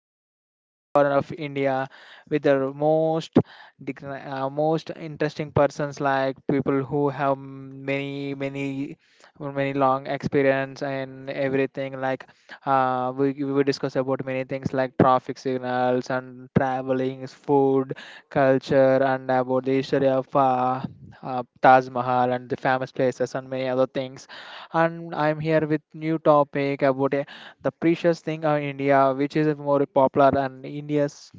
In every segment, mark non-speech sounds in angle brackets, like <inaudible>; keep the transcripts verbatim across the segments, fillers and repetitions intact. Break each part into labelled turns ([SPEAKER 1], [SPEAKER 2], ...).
[SPEAKER 1] can explore every corner of India with the most dig- uh, most interesting persons like people who have many many many long experience and everything like uh, we, we will discuss about many things like traffic signals and travelings, food, culture, and about the history of uh, uh, Taj Mahal and the famous places and many other things. And I'm here with new topic about uh, the precious thing of India which is more popular, and India's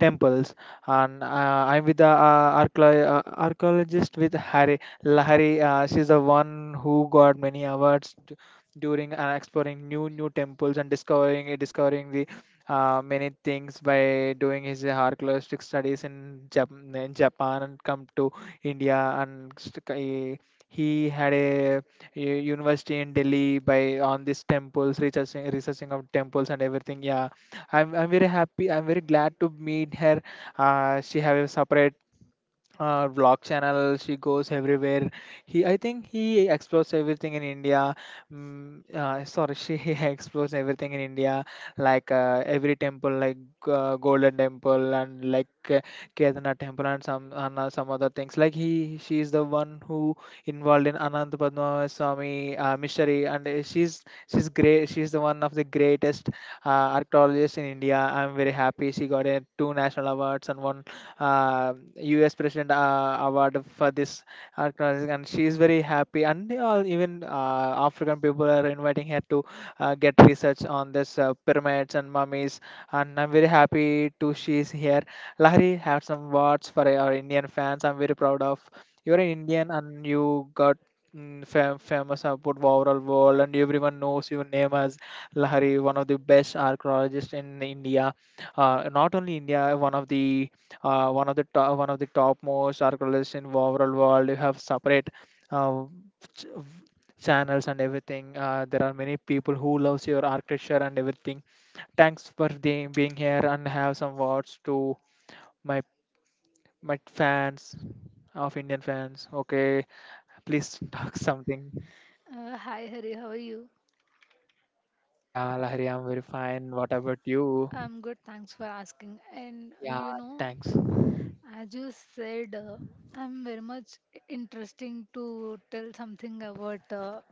[SPEAKER 1] temples. And uh, I'm with the uh, archae- uh, archaeologist with Hari Lahari. Uh, she's the one who got many awards d- during uh, exploring new new temples and discovering discovering the uh, many things by doing his archaeological studies in Japan, in Japan and come to India, and st- he he had a u- university in Delhi by on these temples, researching researching of temples and everything. Yeah, I'm I'm very happy. I'm very glad to meet her. Uh, she have a separate uh vlog channel, she goes everywhere. He, I think he explores everything in India. Mm, uh, sorry, she <laughs> explores everything in India, like uh, every temple, like uh, Golden Temple, and like uh, Kedarnath Temple, and some, and uh, some other things. Like he, she is the one who involved in Anant Padma Swami uh, mystery. And uh, she's she's great, she's the one of the greatest uh, archaeologists in India. I'm very happy she got uh, two national awards and one uh, U S. President uh, award for this, acknowledging, and she is very happy. And they all, even uh, African people are inviting her to uh, get research on this uh, pyramids and mummies. And I'm very happy to she is here. Lahari, have some words for our Indian fans. I'm very proud of you're an Indian, and you got mm, fam- famous about the overall world, and everyone knows your name as Lahari, one of the best archaeologists in India. Uh, not only India, one of the uh, one of the top, one of the topmost archaeologists in overall world. You have separate uh, ch- channels and everything. Uh, there are many people who loves your architecture and everything. Thanks for the, being here, and have some words to my my fans, of Indian fans. Okay, please <laughs> talk something.
[SPEAKER 2] Uh, hi Hari, how are you?
[SPEAKER 1] Yeah, Lahari, I'm very fine. What about you?
[SPEAKER 2] I'm good, thanks for asking. And
[SPEAKER 1] Yeah,
[SPEAKER 2] you know,
[SPEAKER 1] thanks.
[SPEAKER 2] as you said, uh, I'm very much interesting to tell something about uh,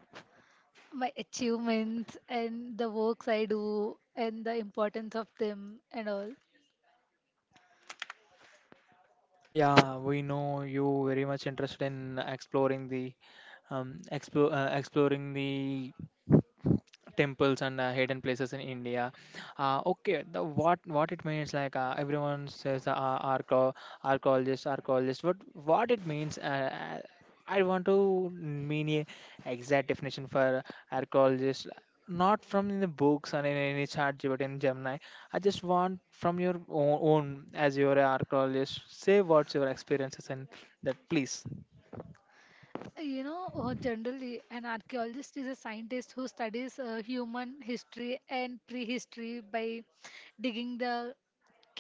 [SPEAKER 2] my achievements and the works I do and the importance of them and all.
[SPEAKER 1] Yeah, we know you very much interested in exploring the um explore uh, exploring the temples and uh, hidden places in India. Uh, okay, the what what it means, like uh, everyone says uh, arco archaeologist, archaeologist. What what it means? Uh, uh, I want to mean a exact definition for archaeologist, not from in the books or in any chart, but in Gemini. I just want from your own, own as you're an archaeologist. Say what's your experiences and that, please.
[SPEAKER 2] You know, uh, generally, an archaeologist is a scientist who studies uh, human history and prehistory by digging the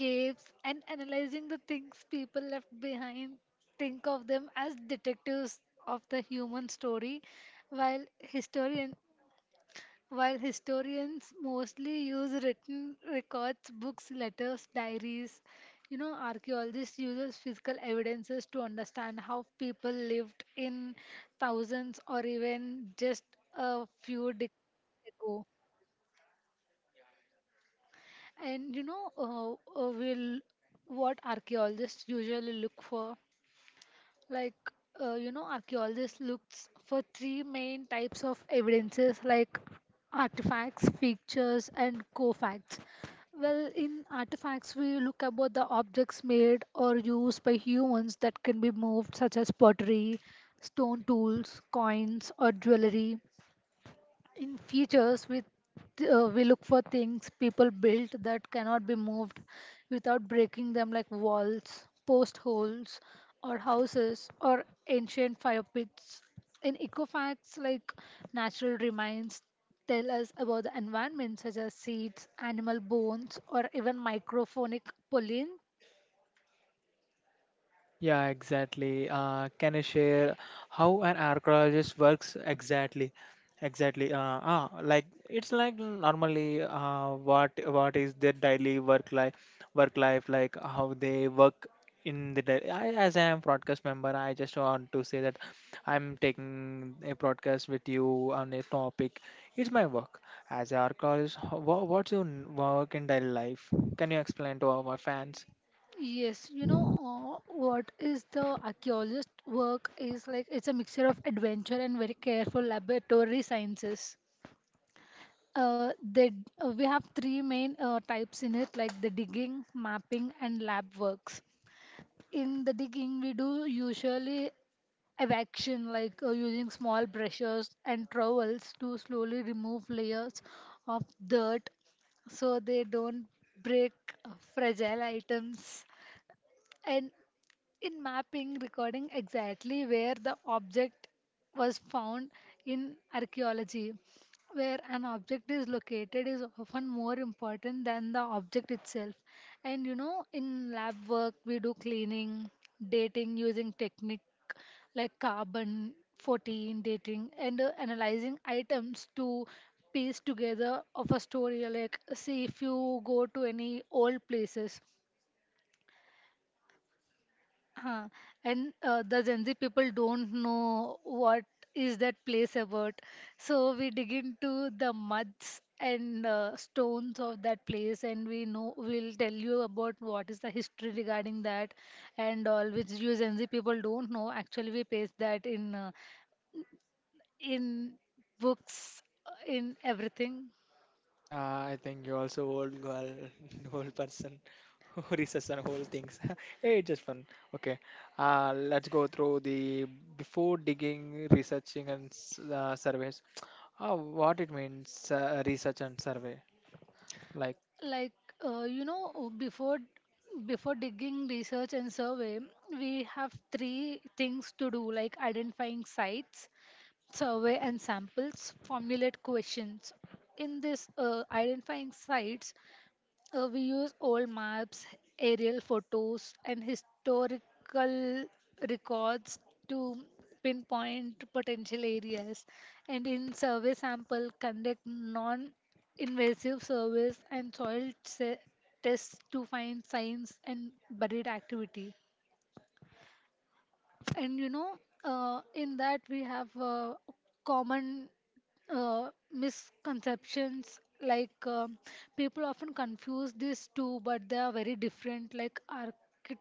[SPEAKER 2] caves, and analyzing the things people left behind. Think of them as detectives of the human story, while historian while historians mostly use written records, books, letters, diaries. You know, archaeologists uses physical evidences to understand how people lived in thousands or even just a few decades ago. And you know, uh, uh, will what archaeologists usually look for, like uh, you know, archaeologists looks for three main types of evidences like artifacts, features and co-facts. Well, in artifacts we look about the objects made or used by humans that can be moved, such as pottery, stone tools, coins or jewelry. In features, we uh, we look for things people built that cannot be moved without breaking them, like walls, post holes, or houses or ancient fire pits. In eco facts, like natural remains tell us about the environment, such as seeds, animal bones or even microphonic pollen.
[SPEAKER 1] Yeah, exactly. Uh, can you share how an archaeologist works exactly? Exactly. Uh, ah, like it's like, normally, uh, what what is their daily work life work life like how they work in the day. I, as I am broadcast member, I just want to say that I'm taking a broadcast with you on a topic. It's my work as an archaeologist. What, what's your n- work in daily life? Can you explain to our fans?
[SPEAKER 2] Yes, you know, uh, what is the archaeologist work is like, it's a mixture of adventure and very careful laboratory sciences. Uh, they, uh, we have three main uh, types in it, like the digging, mapping, and lab works. In the digging, we do usually evacuation, like uh, using small brushes and trowels to slowly remove layers of dirt so they don't break uh, fragile items. And in mapping, recording exactly where the object was found. In archaeology, where an object is located is often more important than the object itself. And you know, in lab work we do cleaning, dating using technique like carbon fourteen dating and uh, analyzing items to piece together of a story. Like, see if you go to any old places. Huh. And uh, the Gen Z people don't know what is that place about. So we dig into the muds and uh, stones of that place, and we know we'll tell you about what is the history regarding that and all, which you Gen Z people don't know. Actually, we paste that in uh, in books, uh, in everything.
[SPEAKER 1] Yeah, I think you also old girl, <laughs> old person who <laughs> research on whole things. <laughs> Hey, just fun. Okay, uh, let's go through the, before digging, researching, and s- uh, surveys. Uh, what it means, uh, research and survey. Like,
[SPEAKER 2] Like uh, you know, uh, before before digging research and survey, we have three things to do, like identifying sites, survey and samples, formulate questions. In this, uh, identifying sites, uh, we use old maps, aerial photos, and historical records to pinpoint potential areas. And in survey sample, conduct non-invasive surveys and soil se- tests to find signs and buried activity. And you know, uh, in that we have uh, common uh, misconceptions like um, people often confuse these two, but they are very different. Like archi-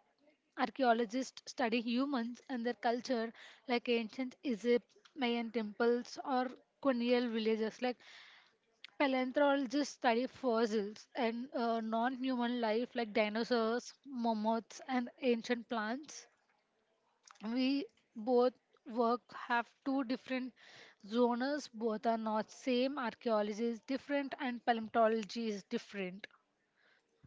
[SPEAKER 2] archaeologists study humans and their culture, like ancient Egypt, Mayan temples or colonial villages. Like paleontologists study fossils and uh, non-human life, like dinosaurs, mammoths and ancient plants. We both work, have two different zones. Both are not same. Archaeology is different and paleontology is different.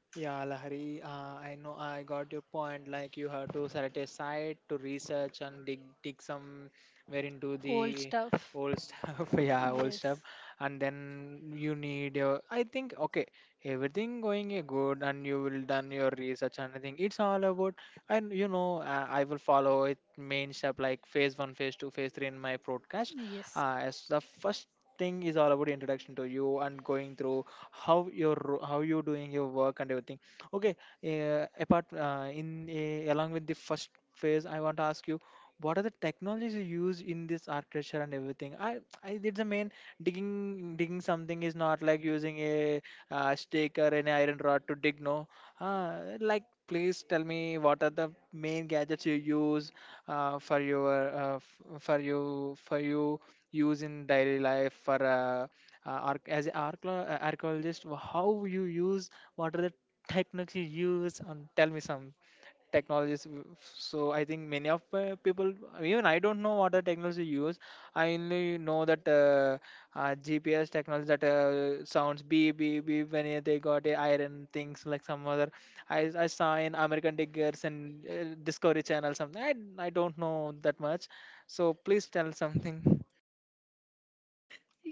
[SPEAKER 1] yeah, Lahari, uh, I know I got your point. Like you have to select a site to research and dig dig some where into
[SPEAKER 2] Old
[SPEAKER 1] the
[SPEAKER 2] stuff,
[SPEAKER 1] old stuff. <laughs> Yeah, old stuff,
[SPEAKER 2] yes.
[SPEAKER 1] and then you need your. I think okay, everything going uh, good, and you will done your research and everything. It's all about, and you know, uh, I will follow it main step like phase one, phase two, phase three in my broadcast.
[SPEAKER 2] Yes.
[SPEAKER 1] Uh, as the first thing is all about introduction to you and going through how your ro- how you doing your work and everything. Okay, uh, apart uh, in uh, along with the first phase, I want to ask you, what are the technologies you use in this architecture and everything? I i did the main, digging digging something is not like using a uh, stake or an iron rod to dig, no. Uh, like, please tell me, what are the main gadgets you use uh, for your uh, f- for you for you use in daily life for uh, uh, arch- as an archla- archaeologist? Wh- how you use, what are the techniques you use, and tell me some technologies. W- f- so I think many of uh, people, even I don't know what the technology you use. I only know that uh, uh, GPS technology that uh, sounds beep beep beep when uh, they got uh, iron things, like some other. i, I saw in American Diggers and uh, Discovery Channel something. I, I don't know that much, so please tell something.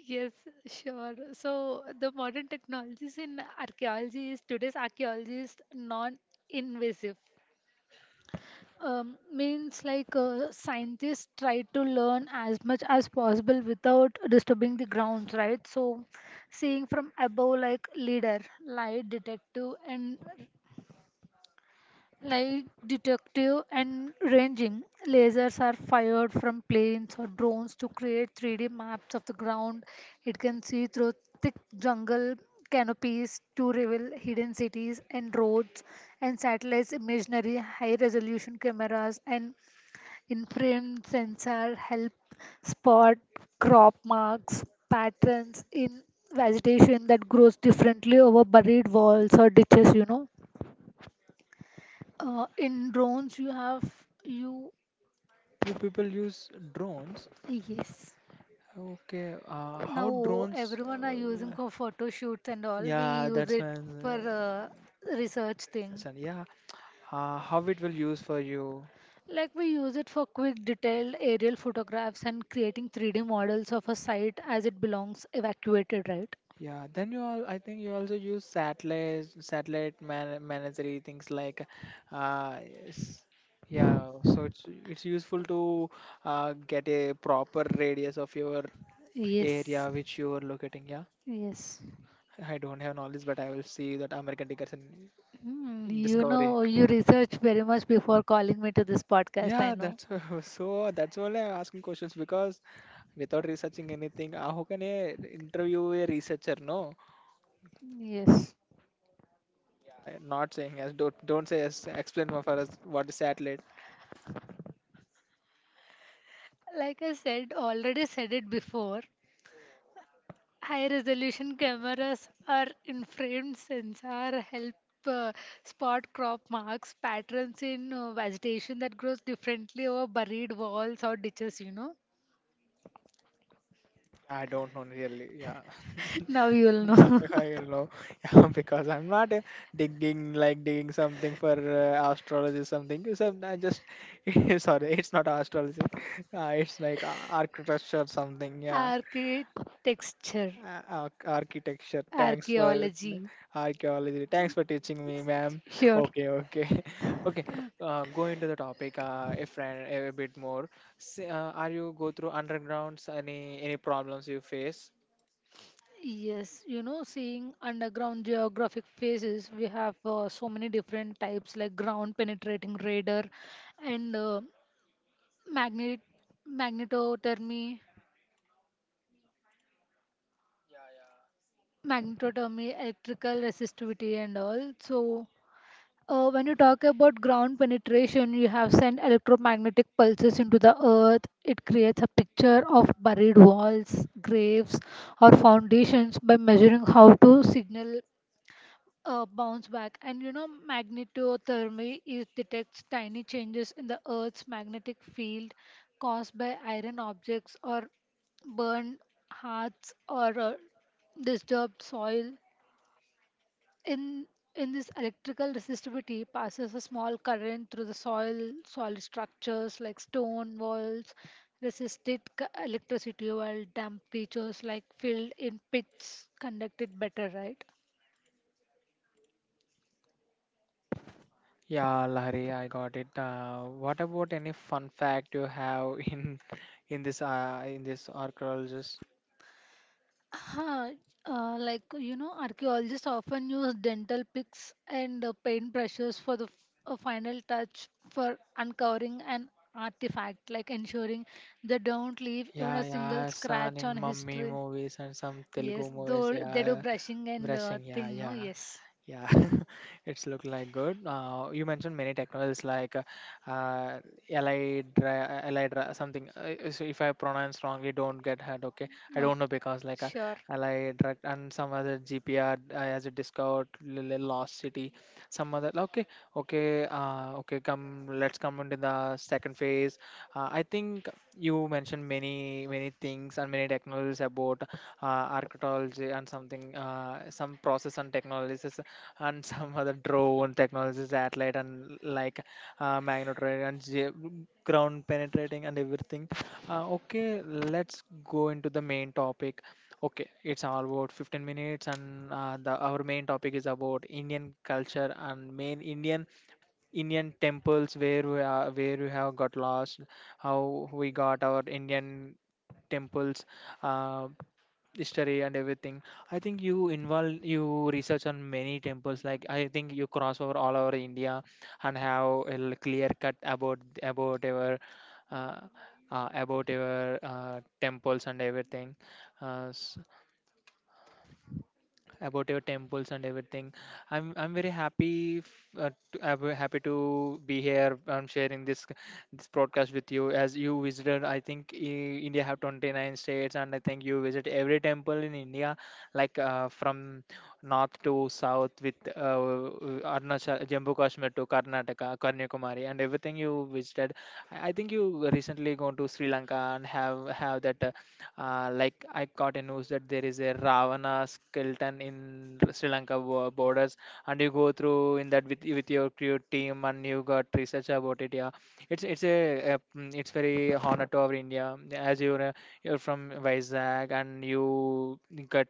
[SPEAKER 2] Yes, sure. So the modern technologies in archaeology is, today's archaeology is non-invasive. um, means like uh, scientists try to learn as much as possible without disturbing the grounds, right? So, seeing from above, like leader, light detective and light detective and ranging lasers are fired from planes or drones to create three d maps of the ground. It can see through thick jungle canopies to reveal hidden cities and roads. And satellites imaginary, high resolution cameras and infrared sensor help spot crop marks, patterns in vegetation that grows differently over buried walls or ditches, you know. Uh, in drones, you have you
[SPEAKER 1] <laughs> You people use drones?
[SPEAKER 2] Yes.
[SPEAKER 1] Okay, uh, how
[SPEAKER 2] Now
[SPEAKER 1] drones?
[SPEAKER 2] everyone are using
[SPEAKER 1] Uh,
[SPEAKER 2] for photo shoots and all. We
[SPEAKER 1] yeah,
[SPEAKER 2] use
[SPEAKER 1] that's
[SPEAKER 2] it
[SPEAKER 1] when
[SPEAKER 2] for
[SPEAKER 1] uh,
[SPEAKER 2] uh, research thing.
[SPEAKER 1] session. Yeah, uh, how it will use for you?
[SPEAKER 2] Like we use it for quick, detailed aerial photographs and creating three D models of a site as it belongs evacuated, right?
[SPEAKER 1] Yeah, then you all. I think you also use satellite, satellite man managery things, like, uh, s- yeah. So it's it's useful to uh, get a proper radius of your
[SPEAKER 2] Yes.
[SPEAKER 1] area which you are locating. Yeah,
[SPEAKER 2] Yes.
[SPEAKER 1] I don't have knowledge, but I will see that American Dickerson
[SPEAKER 2] Mm, you
[SPEAKER 1] discovery.
[SPEAKER 2] know, you research very much before calling me to this podcast, I
[SPEAKER 1] Yeah,
[SPEAKER 2] know.
[SPEAKER 1] that's <laughs> so that's why I'm asking questions, because without researching anything, uh, how can I interview a researcher? No,
[SPEAKER 2] Yes.
[SPEAKER 1] yeah, not saying yes. Don't don't say yes. Explain more for us, what is satellite.
[SPEAKER 2] Like I said, already said it before, high resolution cameras or infrared sensor help uh, spot crop marks, patterns in uh, vegetation that grows differently over buried walls or ditches, you know.
[SPEAKER 1] Yeah, I don't know really. Yeah,
[SPEAKER 2] <laughs> Now you will
[SPEAKER 1] <laughs> now
[SPEAKER 2] know.
[SPEAKER 1] I don't know.
[SPEAKER 2] <laughs>
[SPEAKER 1] <laughs> Yeah, because I'm not uh, digging, like digging something for uh, astrology something. So I just <laughs> sorry, it's not astrology. Uh, it's like uh, architecture something. Yeah. Uh, arch- architecture. Thanks for
[SPEAKER 2] Archaeology.
[SPEAKER 1] archaeology. Thanks for teaching me, ma'am.
[SPEAKER 2] Sure.
[SPEAKER 1] Okay, okay, <laughs> okay. Uh, go into the topic uh, a friend a bit more. S- uh, are you go through undergrounds? Any any problems you face?
[SPEAKER 2] Yes, you know, seeing underground geographic phases, we have uh, so many different types, like ground penetrating radar and uh, magnet magnetothermy, magnetothermy, electrical resistivity and all. So Uh, when you talk about ground penetration, you have sent electromagnetic pulses into the earth. It creates a picture of buried walls, graves, or foundations by measuring how to signal uh, bounce back. And you know, magnetothermy is detects tiny changes in the earth's magnetic field caused by iron objects or burned hearths or uh, disturbed soil. In in this electrical resistivity passes a small current through the soil. Solid structures like stone walls resisted c- electricity, while temperatures like filled in pits conducted better, right?
[SPEAKER 1] Yeah, Larry, I got it. Uh, what about any fun fact you have <laughs> in in this uh, in this archaeologist?
[SPEAKER 2] Huh. Uh, like, you know, archaeologists often use dental picks and uh, paint brushes for the f- uh, final touch for uncovering an artifact, like ensuring they don't leave even a
[SPEAKER 1] Yeah,
[SPEAKER 2] single
[SPEAKER 1] yeah, son
[SPEAKER 2] scratch on
[SPEAKER 1] in mummy
[SPEAKER 2] history.
[SPEAKER 1] movies and some Telugu
[SPEAKER 2] Yes,
[SPEAKER 1] movies.
[SPEAKER 2] though they do
[SPEAKER 1] Yeah,
[SPEAKER 2] brushing and uh,
[SPEAKER 1] brushing, yeah,
[SPEAKER 2] thing, no?
[SPEAKER 1] yeah,
[SPEAKER 2] Yes.
[SPEAKER 1] yeah. <laughs> It's look like good. Uh, you mentioned many technologies like uh, uh, L I, dry, uh, L I dry, something. Uh, uh, so if I pronounce wrongly, don't get hurt. Okay, I
[SPEAKER 2] Oh,
[SPEAKER 1] don't know, because like uh,
[SPEAKER 2] sure.
[SPEAKER 1] L I drug and some other G P R uh, as a discovered l- l- lost city, some other. Okay, okay, uh, okay. Come, let's come into the second phase. Uh, I think you mentioned many many things and many technologies about uh, archaeology and something, uh, some process and technologies <laughs> and some other drone technologies, satellite, and like uh, magnetron and ge- ground penetrating and everything. Uh, okay, let's go into the main topic. Okay, it's all about fifteen minutes, and uh, the our main topic is about Indian culture and main indian Indian temples, where we are, where we have got lost, how we got our Indian temples, uh, history and everything. I think you involve, you research on many temples. Like I think you cross over all over India and have a l- clear cut about about our uh, uh, about our uh, temples and everything. Uh, s- about your temples and everything. I'm I'm very happy f- uh, to, I'm very happy to be here and sharing this this broadcast with you. As you visited, I think i- India have twenty-nine states, and I think you visit every temple in India, like uh, from north to south, with uh, Arunachal, Jammu Kashmir to Karnataka, Kanyakumari, and everything you visited. I I think you recently gone to Sri Lanka and have have that. Uh, uh, like I caught a news that there is a Ravana skeleton in Sri Lanka bo- borders, and you go through in that with with your crew team, and you got research about it. Yeah, it's it's a, uh mm, it's very honor to our India as you're uh, you're from Vizag and you got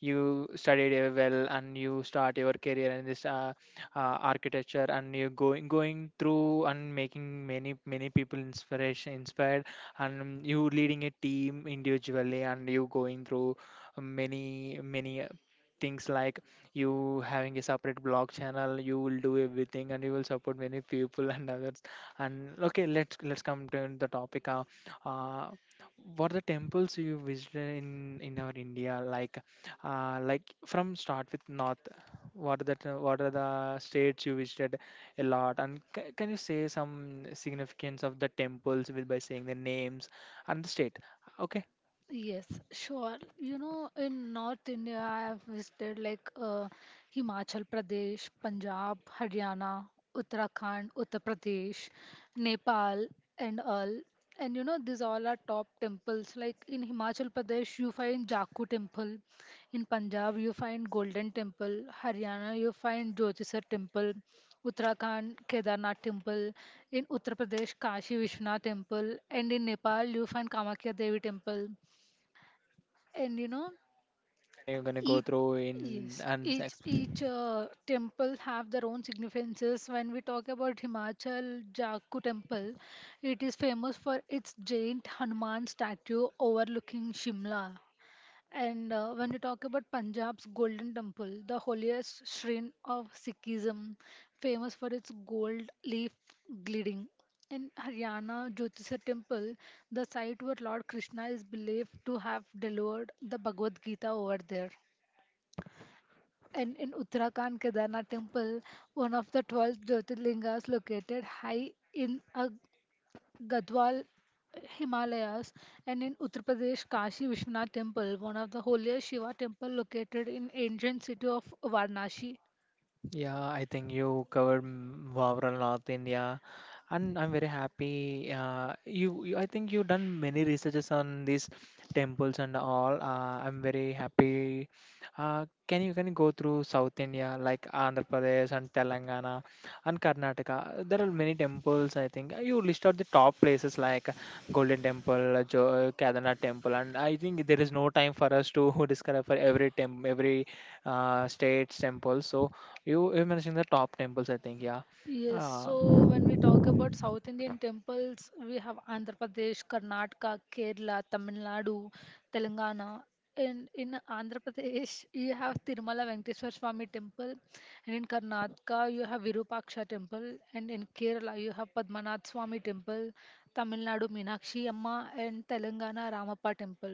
[SPEAKER 1] you studied uh, well and you start your career in this uh, uh, architecture and you going going through and making many many people inspiration inspired and you leading a team individually and you going through many many uh, things like you having a separate blog channel you will do everything and you will support many people <laughs> and others. And okay, let's let's come to the topic, uh, uh what are the temples you visited in in our India? Like uh, like from start with north, what are the t- what are the states you visited a lot, and ca can you say some significance of the temples with by saying the names and the state? Okay,
[SPEAKER 2] Yes, sure. You know, in North India, I have visited like uh, Himachal Pradesh, Punjab, Haryana, Uttarakhand, Uttar Pradesh, Nepal, and all. And you know, these all are top temples. Like in Himachal Pradesh, you find Jaku Temple. In Punjab, you find Golden Temple. Haryana, you find Jyotisar Temple. Uttarakhand, Kedarnath Temple. In Uttar Pradesh, Kashi Vishwanath Temple. And in Nepal, you find Kamakhya Devi Temple. And you know,
[SPEAKER 1] can you gonna go
[SPEAKER 2] each,
[SPEAKER 1] through
[SPEAKER 2] yes,
[SPEAKER 1] in and
[SPEAKER 2] each,
[SPEAKER 1] ex-
[SPEAKER 2] each uh, temple have their own significances. When we talk about Himachal, Jaku Temple, it is famous for its giant Hanuman statue overlooking Shimla. And uh, when you talk about Punjab's Golden Temple, the holiest shrine of Sikhism, famous for its gold leaf gilding. In Haryana Jyotisar Temple, the site where Lord Krishna is believed to have delivered the Bhagavad Gita over there. And in Uttarakhand Kedarnath Temple, one of the twelve Jyotirlingas located high in a Gadwal Himalayas. And in Uttar Pradesh Kashi Vishwanath Temple, one of the holiest Shiva temple located in ancient city of Varanasi.
[SPEAKER 1] Yeah, I think you covered mm, overall North India, and I'm very happy. Uh, you, you, I think you done many researches on these temples and all. Uh, I'm very happy. Uh, can you can you go through South India like Andhra Pradesh and Telangana and Karnataka? There are many temples. I think you list out the top places like Golden Temple, uh, Jo- Kedarnath Temple, and I think there is no time for us to <laughs> describe for every temp, every uh, state's temple. So. You you mentioned the top temples, I think. Yeah.
[SPEAKER 2] Yes,
[SPEAKER 1] Uh,
[SPEAKER 2] so when we talk about South Indian temples, we have Andhra Pradesh, Karnataka, Kerala, Tamil Nadu, Telangana. And in Andhra Pradesh, you have Tirumala Venkateswar Swami Temple, and in Karnataka, you have Virupaksha Temple, and in Kerala, you have Padmanath Swami Temple, Tamil Nadu Meenakshi Amma, and Telangana Ramappa Temple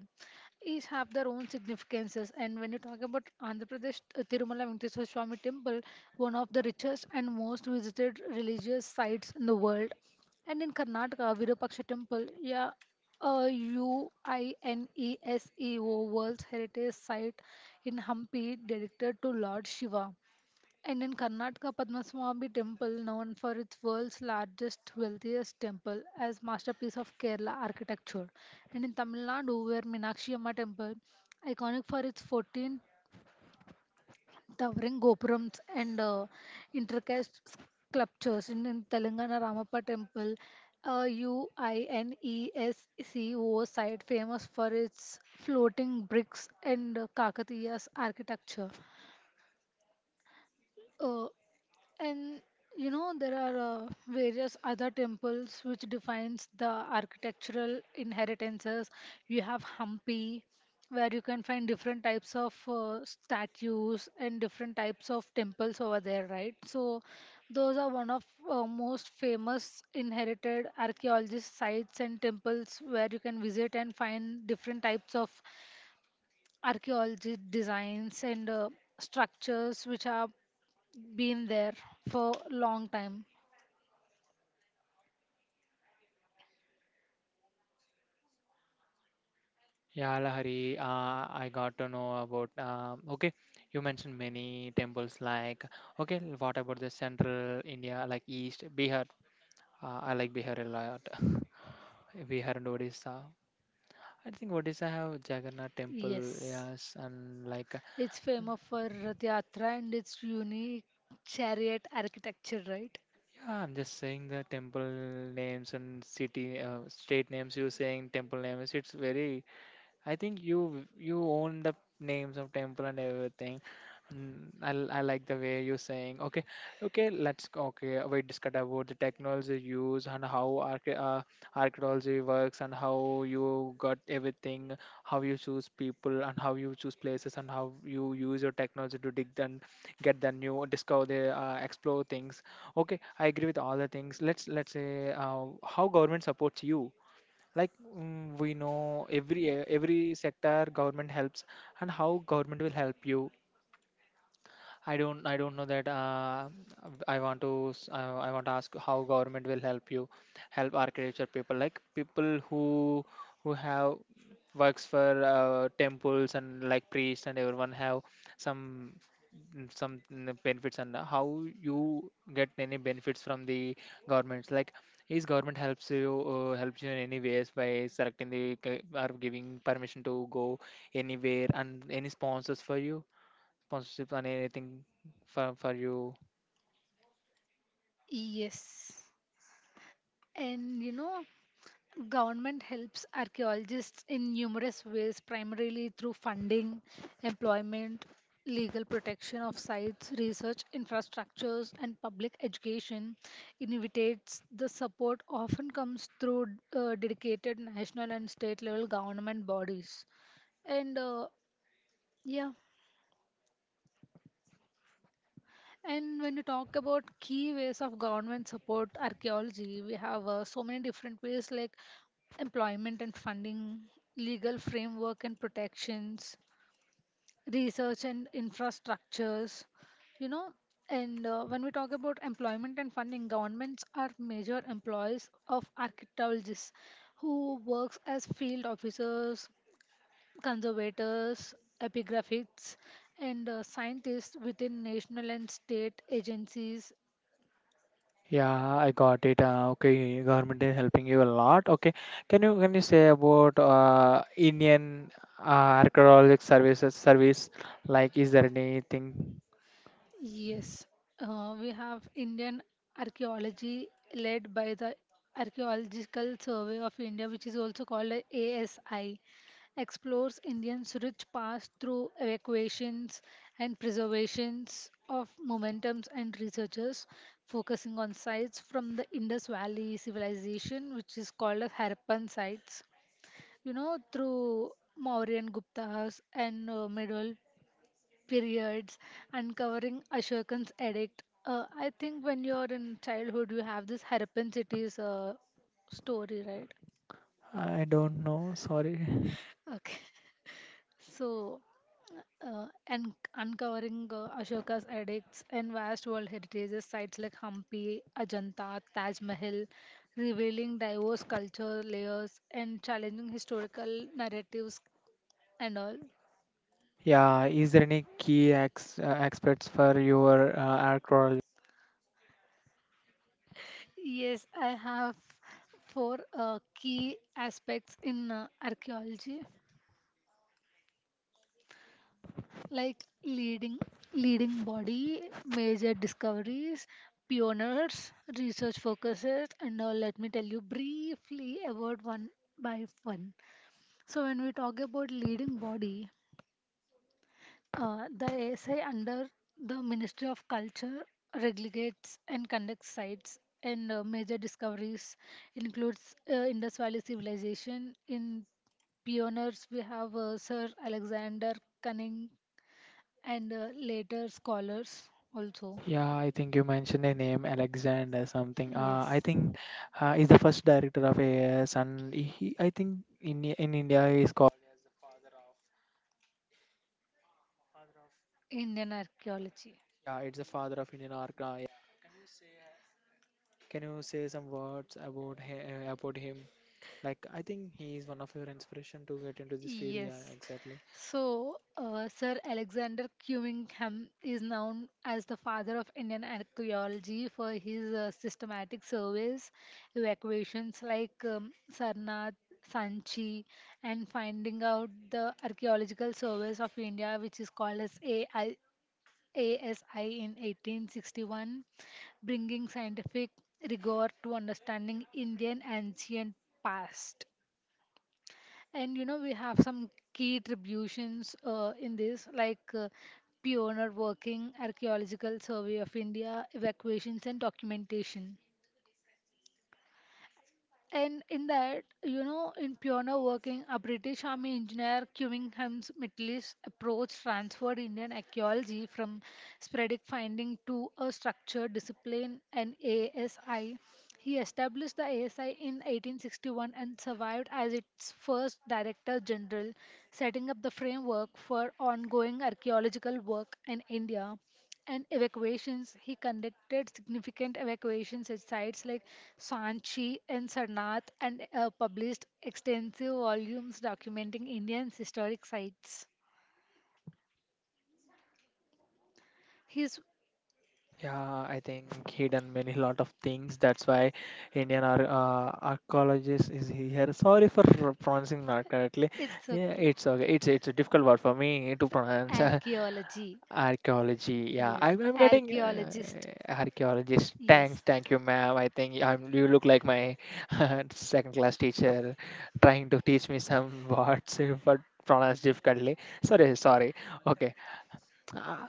[SPEAKER 2] each have their own significances. And when you talk about Andhra Pradesh, uh, Tirumala Venkateswara Swami Temple, one of the richest and most visited religious sites in the world, and in Karnataka Virupaksha Temple, yeah, a UINESEO World Heritage Site in Hampi, dedicated to Lord Shiva. And in Karnataka, Padmaswamy Temple, known for its world's largest, wealthiest temple, as masterpiece of Kerala architecture. And in Tamil Nadu, where Meenakshi Amma Temple, iconic for its fourteen towering gopurams and uh, intricate sculptures. And in Telangana, Ramappa Temple, a UNESCO site famous for its floating bricks and uh, Kakatiya's architecture. Uh, And you know, there are uh, various other temples which defines the architectural inheritances. You have Hampi, where you can find different types of uh, statues and different types of temples over there, right? So, those are one of uh, most famous inherited archaeologist sites and temples where you can visit and find different types of archaeology designs and uh, structures which are been there for long time.
[SPEAKER 1] yeah, Lahari. Uh, I got to know about. Um, okay, you mentioned many temples. Like, okay, what about the central India, like East Bihar? Uh, I like Bihar a lot. <laughs> Bihar and Odisha. I think Odisha have Jagannath temple.
[SPEAKER 2] Yes.
[SPEAKER 1] Yes, and like uh,
[SPEAKER 2] It's famous for Rath Yatra and its unique chariot architecture, right?
[SPEAKER 1] yeah, I'm just saying the temple names and city, uh, state names. You saying temple names? It's very I think you you own the names of temple and everything. Mm, I, l- I like the way you're saying. Okay, okay, let's go- okay. We discuss about the technology use and how arche- uh, archaeology works and how you got everything, how you choose people and how you choose places and how you use your technology to dig and get the new discover the uh, explore things. Okay, I agree with all the things. Let's let's say uh, how government supports you like mm, we know every every sector government helps and how government will help you. I don't I don't know that uh, I want to s- uh, I want to ask how government will help you, help architecture people like people who who have works for uh, temples and like priests and everyone have some mm, some mm, benefits. And how you get any benefits from the governments? Like, is government helps you uh, helps you in any ways by selecting the c- or giving permission to go anywhere and any sponsors for you, sponsorship and anything for for you?
[SPEAKER 2] Yes. And you know, government helps archaeologists in numerous ways, primarily through funding, employment, legal protection of sites, research infrastructures, and public education. Initiates the support often comes through uh, dedicated national and state level government bodies. And uh, yeah, and when you talk about key ways of government support archaeology, we have uh, so many different ways, like employment and funding, legal framework and protections, research and infrastructures, you know. And uh, when we talk about employment and funding, governments are major employees of archaeologists who works as field officers, conservators, epigraphists, and uh, scientists within national and state agencies.
[SPEAKER 1] Yeah, I got it. Uh, okay, government is helping you a lot. Okay, can you can you say about uh, Indian uh, archaeological services service? Like, is there anything?
[SPEAKER 2] Yes, uh, we have Indian archaeology led by the Archaeological Survey of India, which is also called a ASI, explores Indians' rich past through evacuations and preservations of momentums and researchers, focusing on sites from the Indus Valley civilization, which is called as Harappan sites, you know, through Mauryan Gupta's and uh, middle periods, uncovering Ashokan's edict. Uh, I think when you're in childhood, you have this Harappan cities uh, story, right?
[SPEAKER 1] I don't know. Sorry.
[SPEAKER 2] Okay, <laughs> so uh, and uncovering uh, Ashoka's edicts and vast world heritage sites like Hampi, Ajanta, Taj Mahal, revealing diverse culture layers and challenging historical narratives and all.
[SPEAKER 1] Yeah, is there any key ex uh, experts for your uh, archaeology?
[SPEAKER 2] Yes, I have four uh, key aspects in uh, archaeology, like leading leading body, major discoveries, pioneers, research focuses, and now let me tell you briefly about one by one. So when we talk about leading body, Uh, the A S I under the Ministry of Culture regulates and conducts sites and uh, major discoveries includes uh, Indus Valley Civilization. In pioneers, we have uh, Sir Alexander Cunning and uh, later scholars also.
[SPEAKER 1] Yeah, I think you mentioned a name, Alexander something. Uh,
[SPEAKER 2] Yes,
[SPEAKER 1] I think uh, is the first director of A I S, and he, I think in in India is called.
[SPEAKER 2] Indian archaeology.
[SPEAKER 1] Yeah, it's the father of Indian art. Uh, yeah. Can you say some words about him, about him? Like, I think he is one of your inspiration to get into this field. Yeah,
[SPEAKER 2] Yes.
[SPEAKER 1] exactly.
[SPEAKER 2] So, uh, Sir Alexander Cunningham is known as the father of Indian archaeology for his uh, systematic surveys, evacuations like um, Sarnath, Sanchi, and finding out the archaeological surveys of India, which is called as A I A S I in eighteen sixty-one, bringing scientific rigor to understanding Indian ancient past. And you know, we have some key attributions uh, in this, like uh, pioneer working, archaeological survey of India, evacuations, and documentation. And in that, you know, in pioneer working, a British Army engineer Cummingham's Mitlis approach transferred Indian archaeology from sporadic finding to a structured discipline and A S I. He established the A S I in eighteen sixty-one and survived as its first director general, setting up the framework for ongoing archaeological work in India and evacuations. He conducted significant evacuations at sites like Sanchi and Sarnath and uh, published extensive volumes documenting Indian historic sites. His
[SPEAKER 1] Yeah, I think he done many lot of things. That's why Indian ar- uh, archaeologist is here. Sorry for pronouncing not correctly.
[SPEAKER 2] it's
[SPEAKER 1] Yeah,
[SPEAKER 2] okay.
[SPEAKER 1] it's okay. It's it's a difficult word for me to pronounce. <laughs>
[SPEAKER 2] Archaeology.
[SPEAKER 1] Archaeology,
[SPEAKER 2] Yes,
[SPEAKER 1] yeah. I'm, I'm getting uh,
[SPEAKER 2] archaeologist.
[SPEAKER 1] archaeologist.
[SPEAKER 2] Yes,
[SPEAKER 1] Thanks, thank you, ma'am. I think I'm, you look like my <laughs> second class teacher trying to teach me some words, <laughs> but pronounced difficultly. Sorry, sorry. Okay. Uh,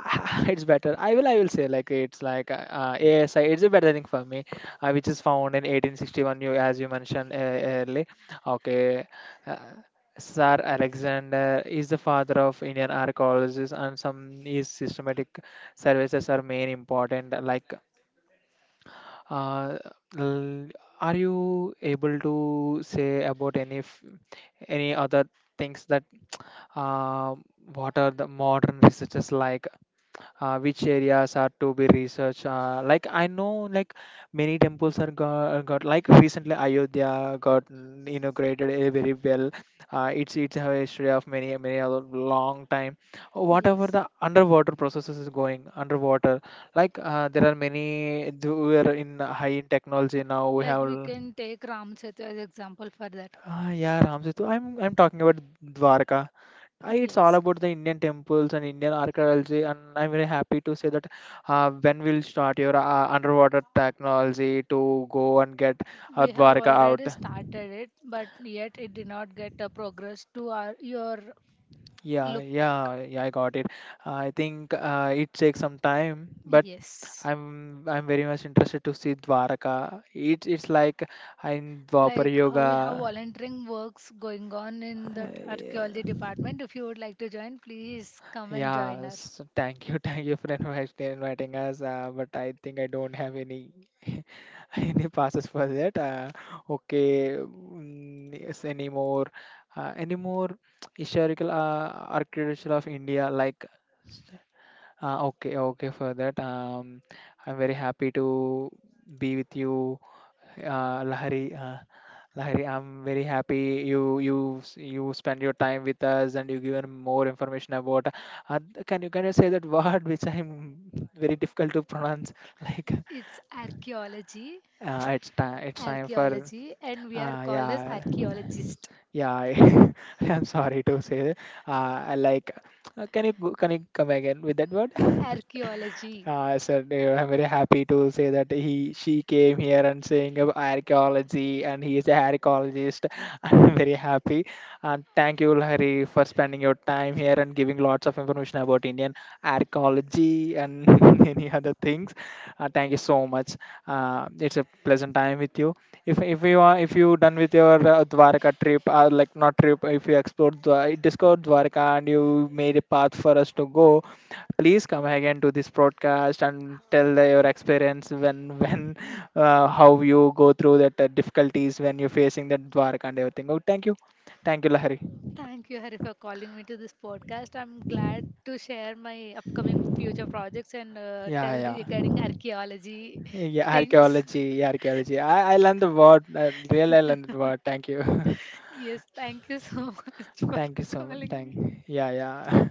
[SPEAKER 1] <laughs> it's better. I will I will say like it's like uh, uh, A S I. It's a better thing for me, uh, which is found in eighteen sixty-one. You as you mentioned uh, early. Okay, uh, Sir Alexander is the father of Indian archaeologists, and some his systematic services are main important. Like, uh, l- are you able to say about any f- any other things that uh, what are the modern researchers like? uh, which areas are to be researched. Uh, like I know, like many temples are got, got like recently Ayodhya got mm, inaugurated eh, very well. Uh, it's it's a history of many many a long time.
[SPEAKER 2] yes.
[SPEAKER 1] Whatever the underwater processes is going underwater, like uh, there are many. th- We are in high in technology now.
[SPEAKER 2] Like
[SPEAKER 1] We have.
[SPEAKER 2] we
[SPEAKER 1] l-
[SPEAKER 2] can take Ram Setu as example for that.
[SPEAKER 1] Ah, yeah, Ram Setu. I'm I'm talking about Dwarka. Uh, It's
[SPEAKER 2] Yes,
[SPEAKER 1] all about the Indian temples and Indian archaeology, and I'm very happy to say that uh, when we'll start your uh, underwater technology to go and get
[SPEAKER 2] we
[SPEAKER 1] uh,
[SPEAKER 2] have
[SPEAKER 1] Dwarka
[SPEAKER 2] already
[SPEAKER 1] out.
[SPEAKER 2] started it, but yet it did not get a progress to our your look.
[SPEAKER 1] Yeah, yeah, yeah, I got it. I think uh, it takes some time, but
[SPEAKER 2] Yes,
[SPEAKER 1] I'm I'm very much interested to see Dwaraka. It it's like in Dwapar
[SPEAKER 2] like uh, we have
[SPEAKER 1] Yoga.
[SPEAKER 2] volunteering works going on in the
[SPEAKER 1] Uh,
[SPEAKER 2] archaeology department.
[SPEAKER 1] yeah.
[SPEAKER 2] If you would like to join, please come and join us.
[SPEAKER 1] Yes, thank you, <laughs> thank you for invite, inviting us. Uh, but I think I don't have any <laughs> <laughs> any passes for that? Uh, okay, mm, yes, any more, uh, any more <tsk> historical uh, architecture of India? Like, uh, okay, okay for that. Um, I'm very happy to be with you, uh, Lahari. Uh, Lahari, I'm very happy you you s- you spend your time with us and you given more information about. Uh, th- can you can you say that <laughs> word which I'm <laughs> very difficult to pronounce? <laughs> Like.
[SPEAKER 2] It's archaeology,
[SPEAKER 1] Uh, it's time. It's time for.
[SPEAKER 2] archaeology, and we are
[SPEAKER 1] Uh,
[SPEAKER 2] called as
[SPEAKER 1] yeah,
[SPEAKER 2] archeologist archeology.
[SPEAKER 1] yeah. I, <laughs> I'm sorry to say. Uh, I like. Uh, can you go- can you come again with that word? <laughs>
[SPEAKER 2] Archaeology.
[SPEAKER 1] Uh, so uh, I'm very happy to say that he she came here and saying about archaeology and he is an archaeologist. <laughs> I'm very happy and thank you Hari for spending your time here and giving lots of information about Indian archaeology and <laughs> many other things. Uh, thank you so much. Uh, it's a pleasant time with you. If if you are if you done with your uh, Dwarka trip or like not trip, if you explored Dwa- discovered Dwarka and you made a path for us to go, please come again to this broadcast and tell the- your experience when <laughs> when uh, how you go through that uh, difficulties when you're facing the Dwarka and everything. Oh, thank you, thank you, Lahari.
[SPEAKER 2] Thank you, Hari, for calling me to this podcast. I'm glad to share my upcoming future projects and uh, tell
[SPEAKER 1] Yeah,
[SPEAKER 2] regarding
[SPEAKER 1] yeah,
[SPEAKER 2] archaeology
[SPEAKER 1] yeah.
[SPEAKER 2] things.
[SPEAKER 1] Archaeology, yeah, archaeology. I I learned the word. Uh, really, I learned the word. Thank you. <laughs>
[SPEAKER 2] Yes, thank you so <laughs> much for
[SPEAKER 1] Thank you so much.
[SPEAKER 2] calling me.
[SPEAKER 1] Thank. Yeah, yeah.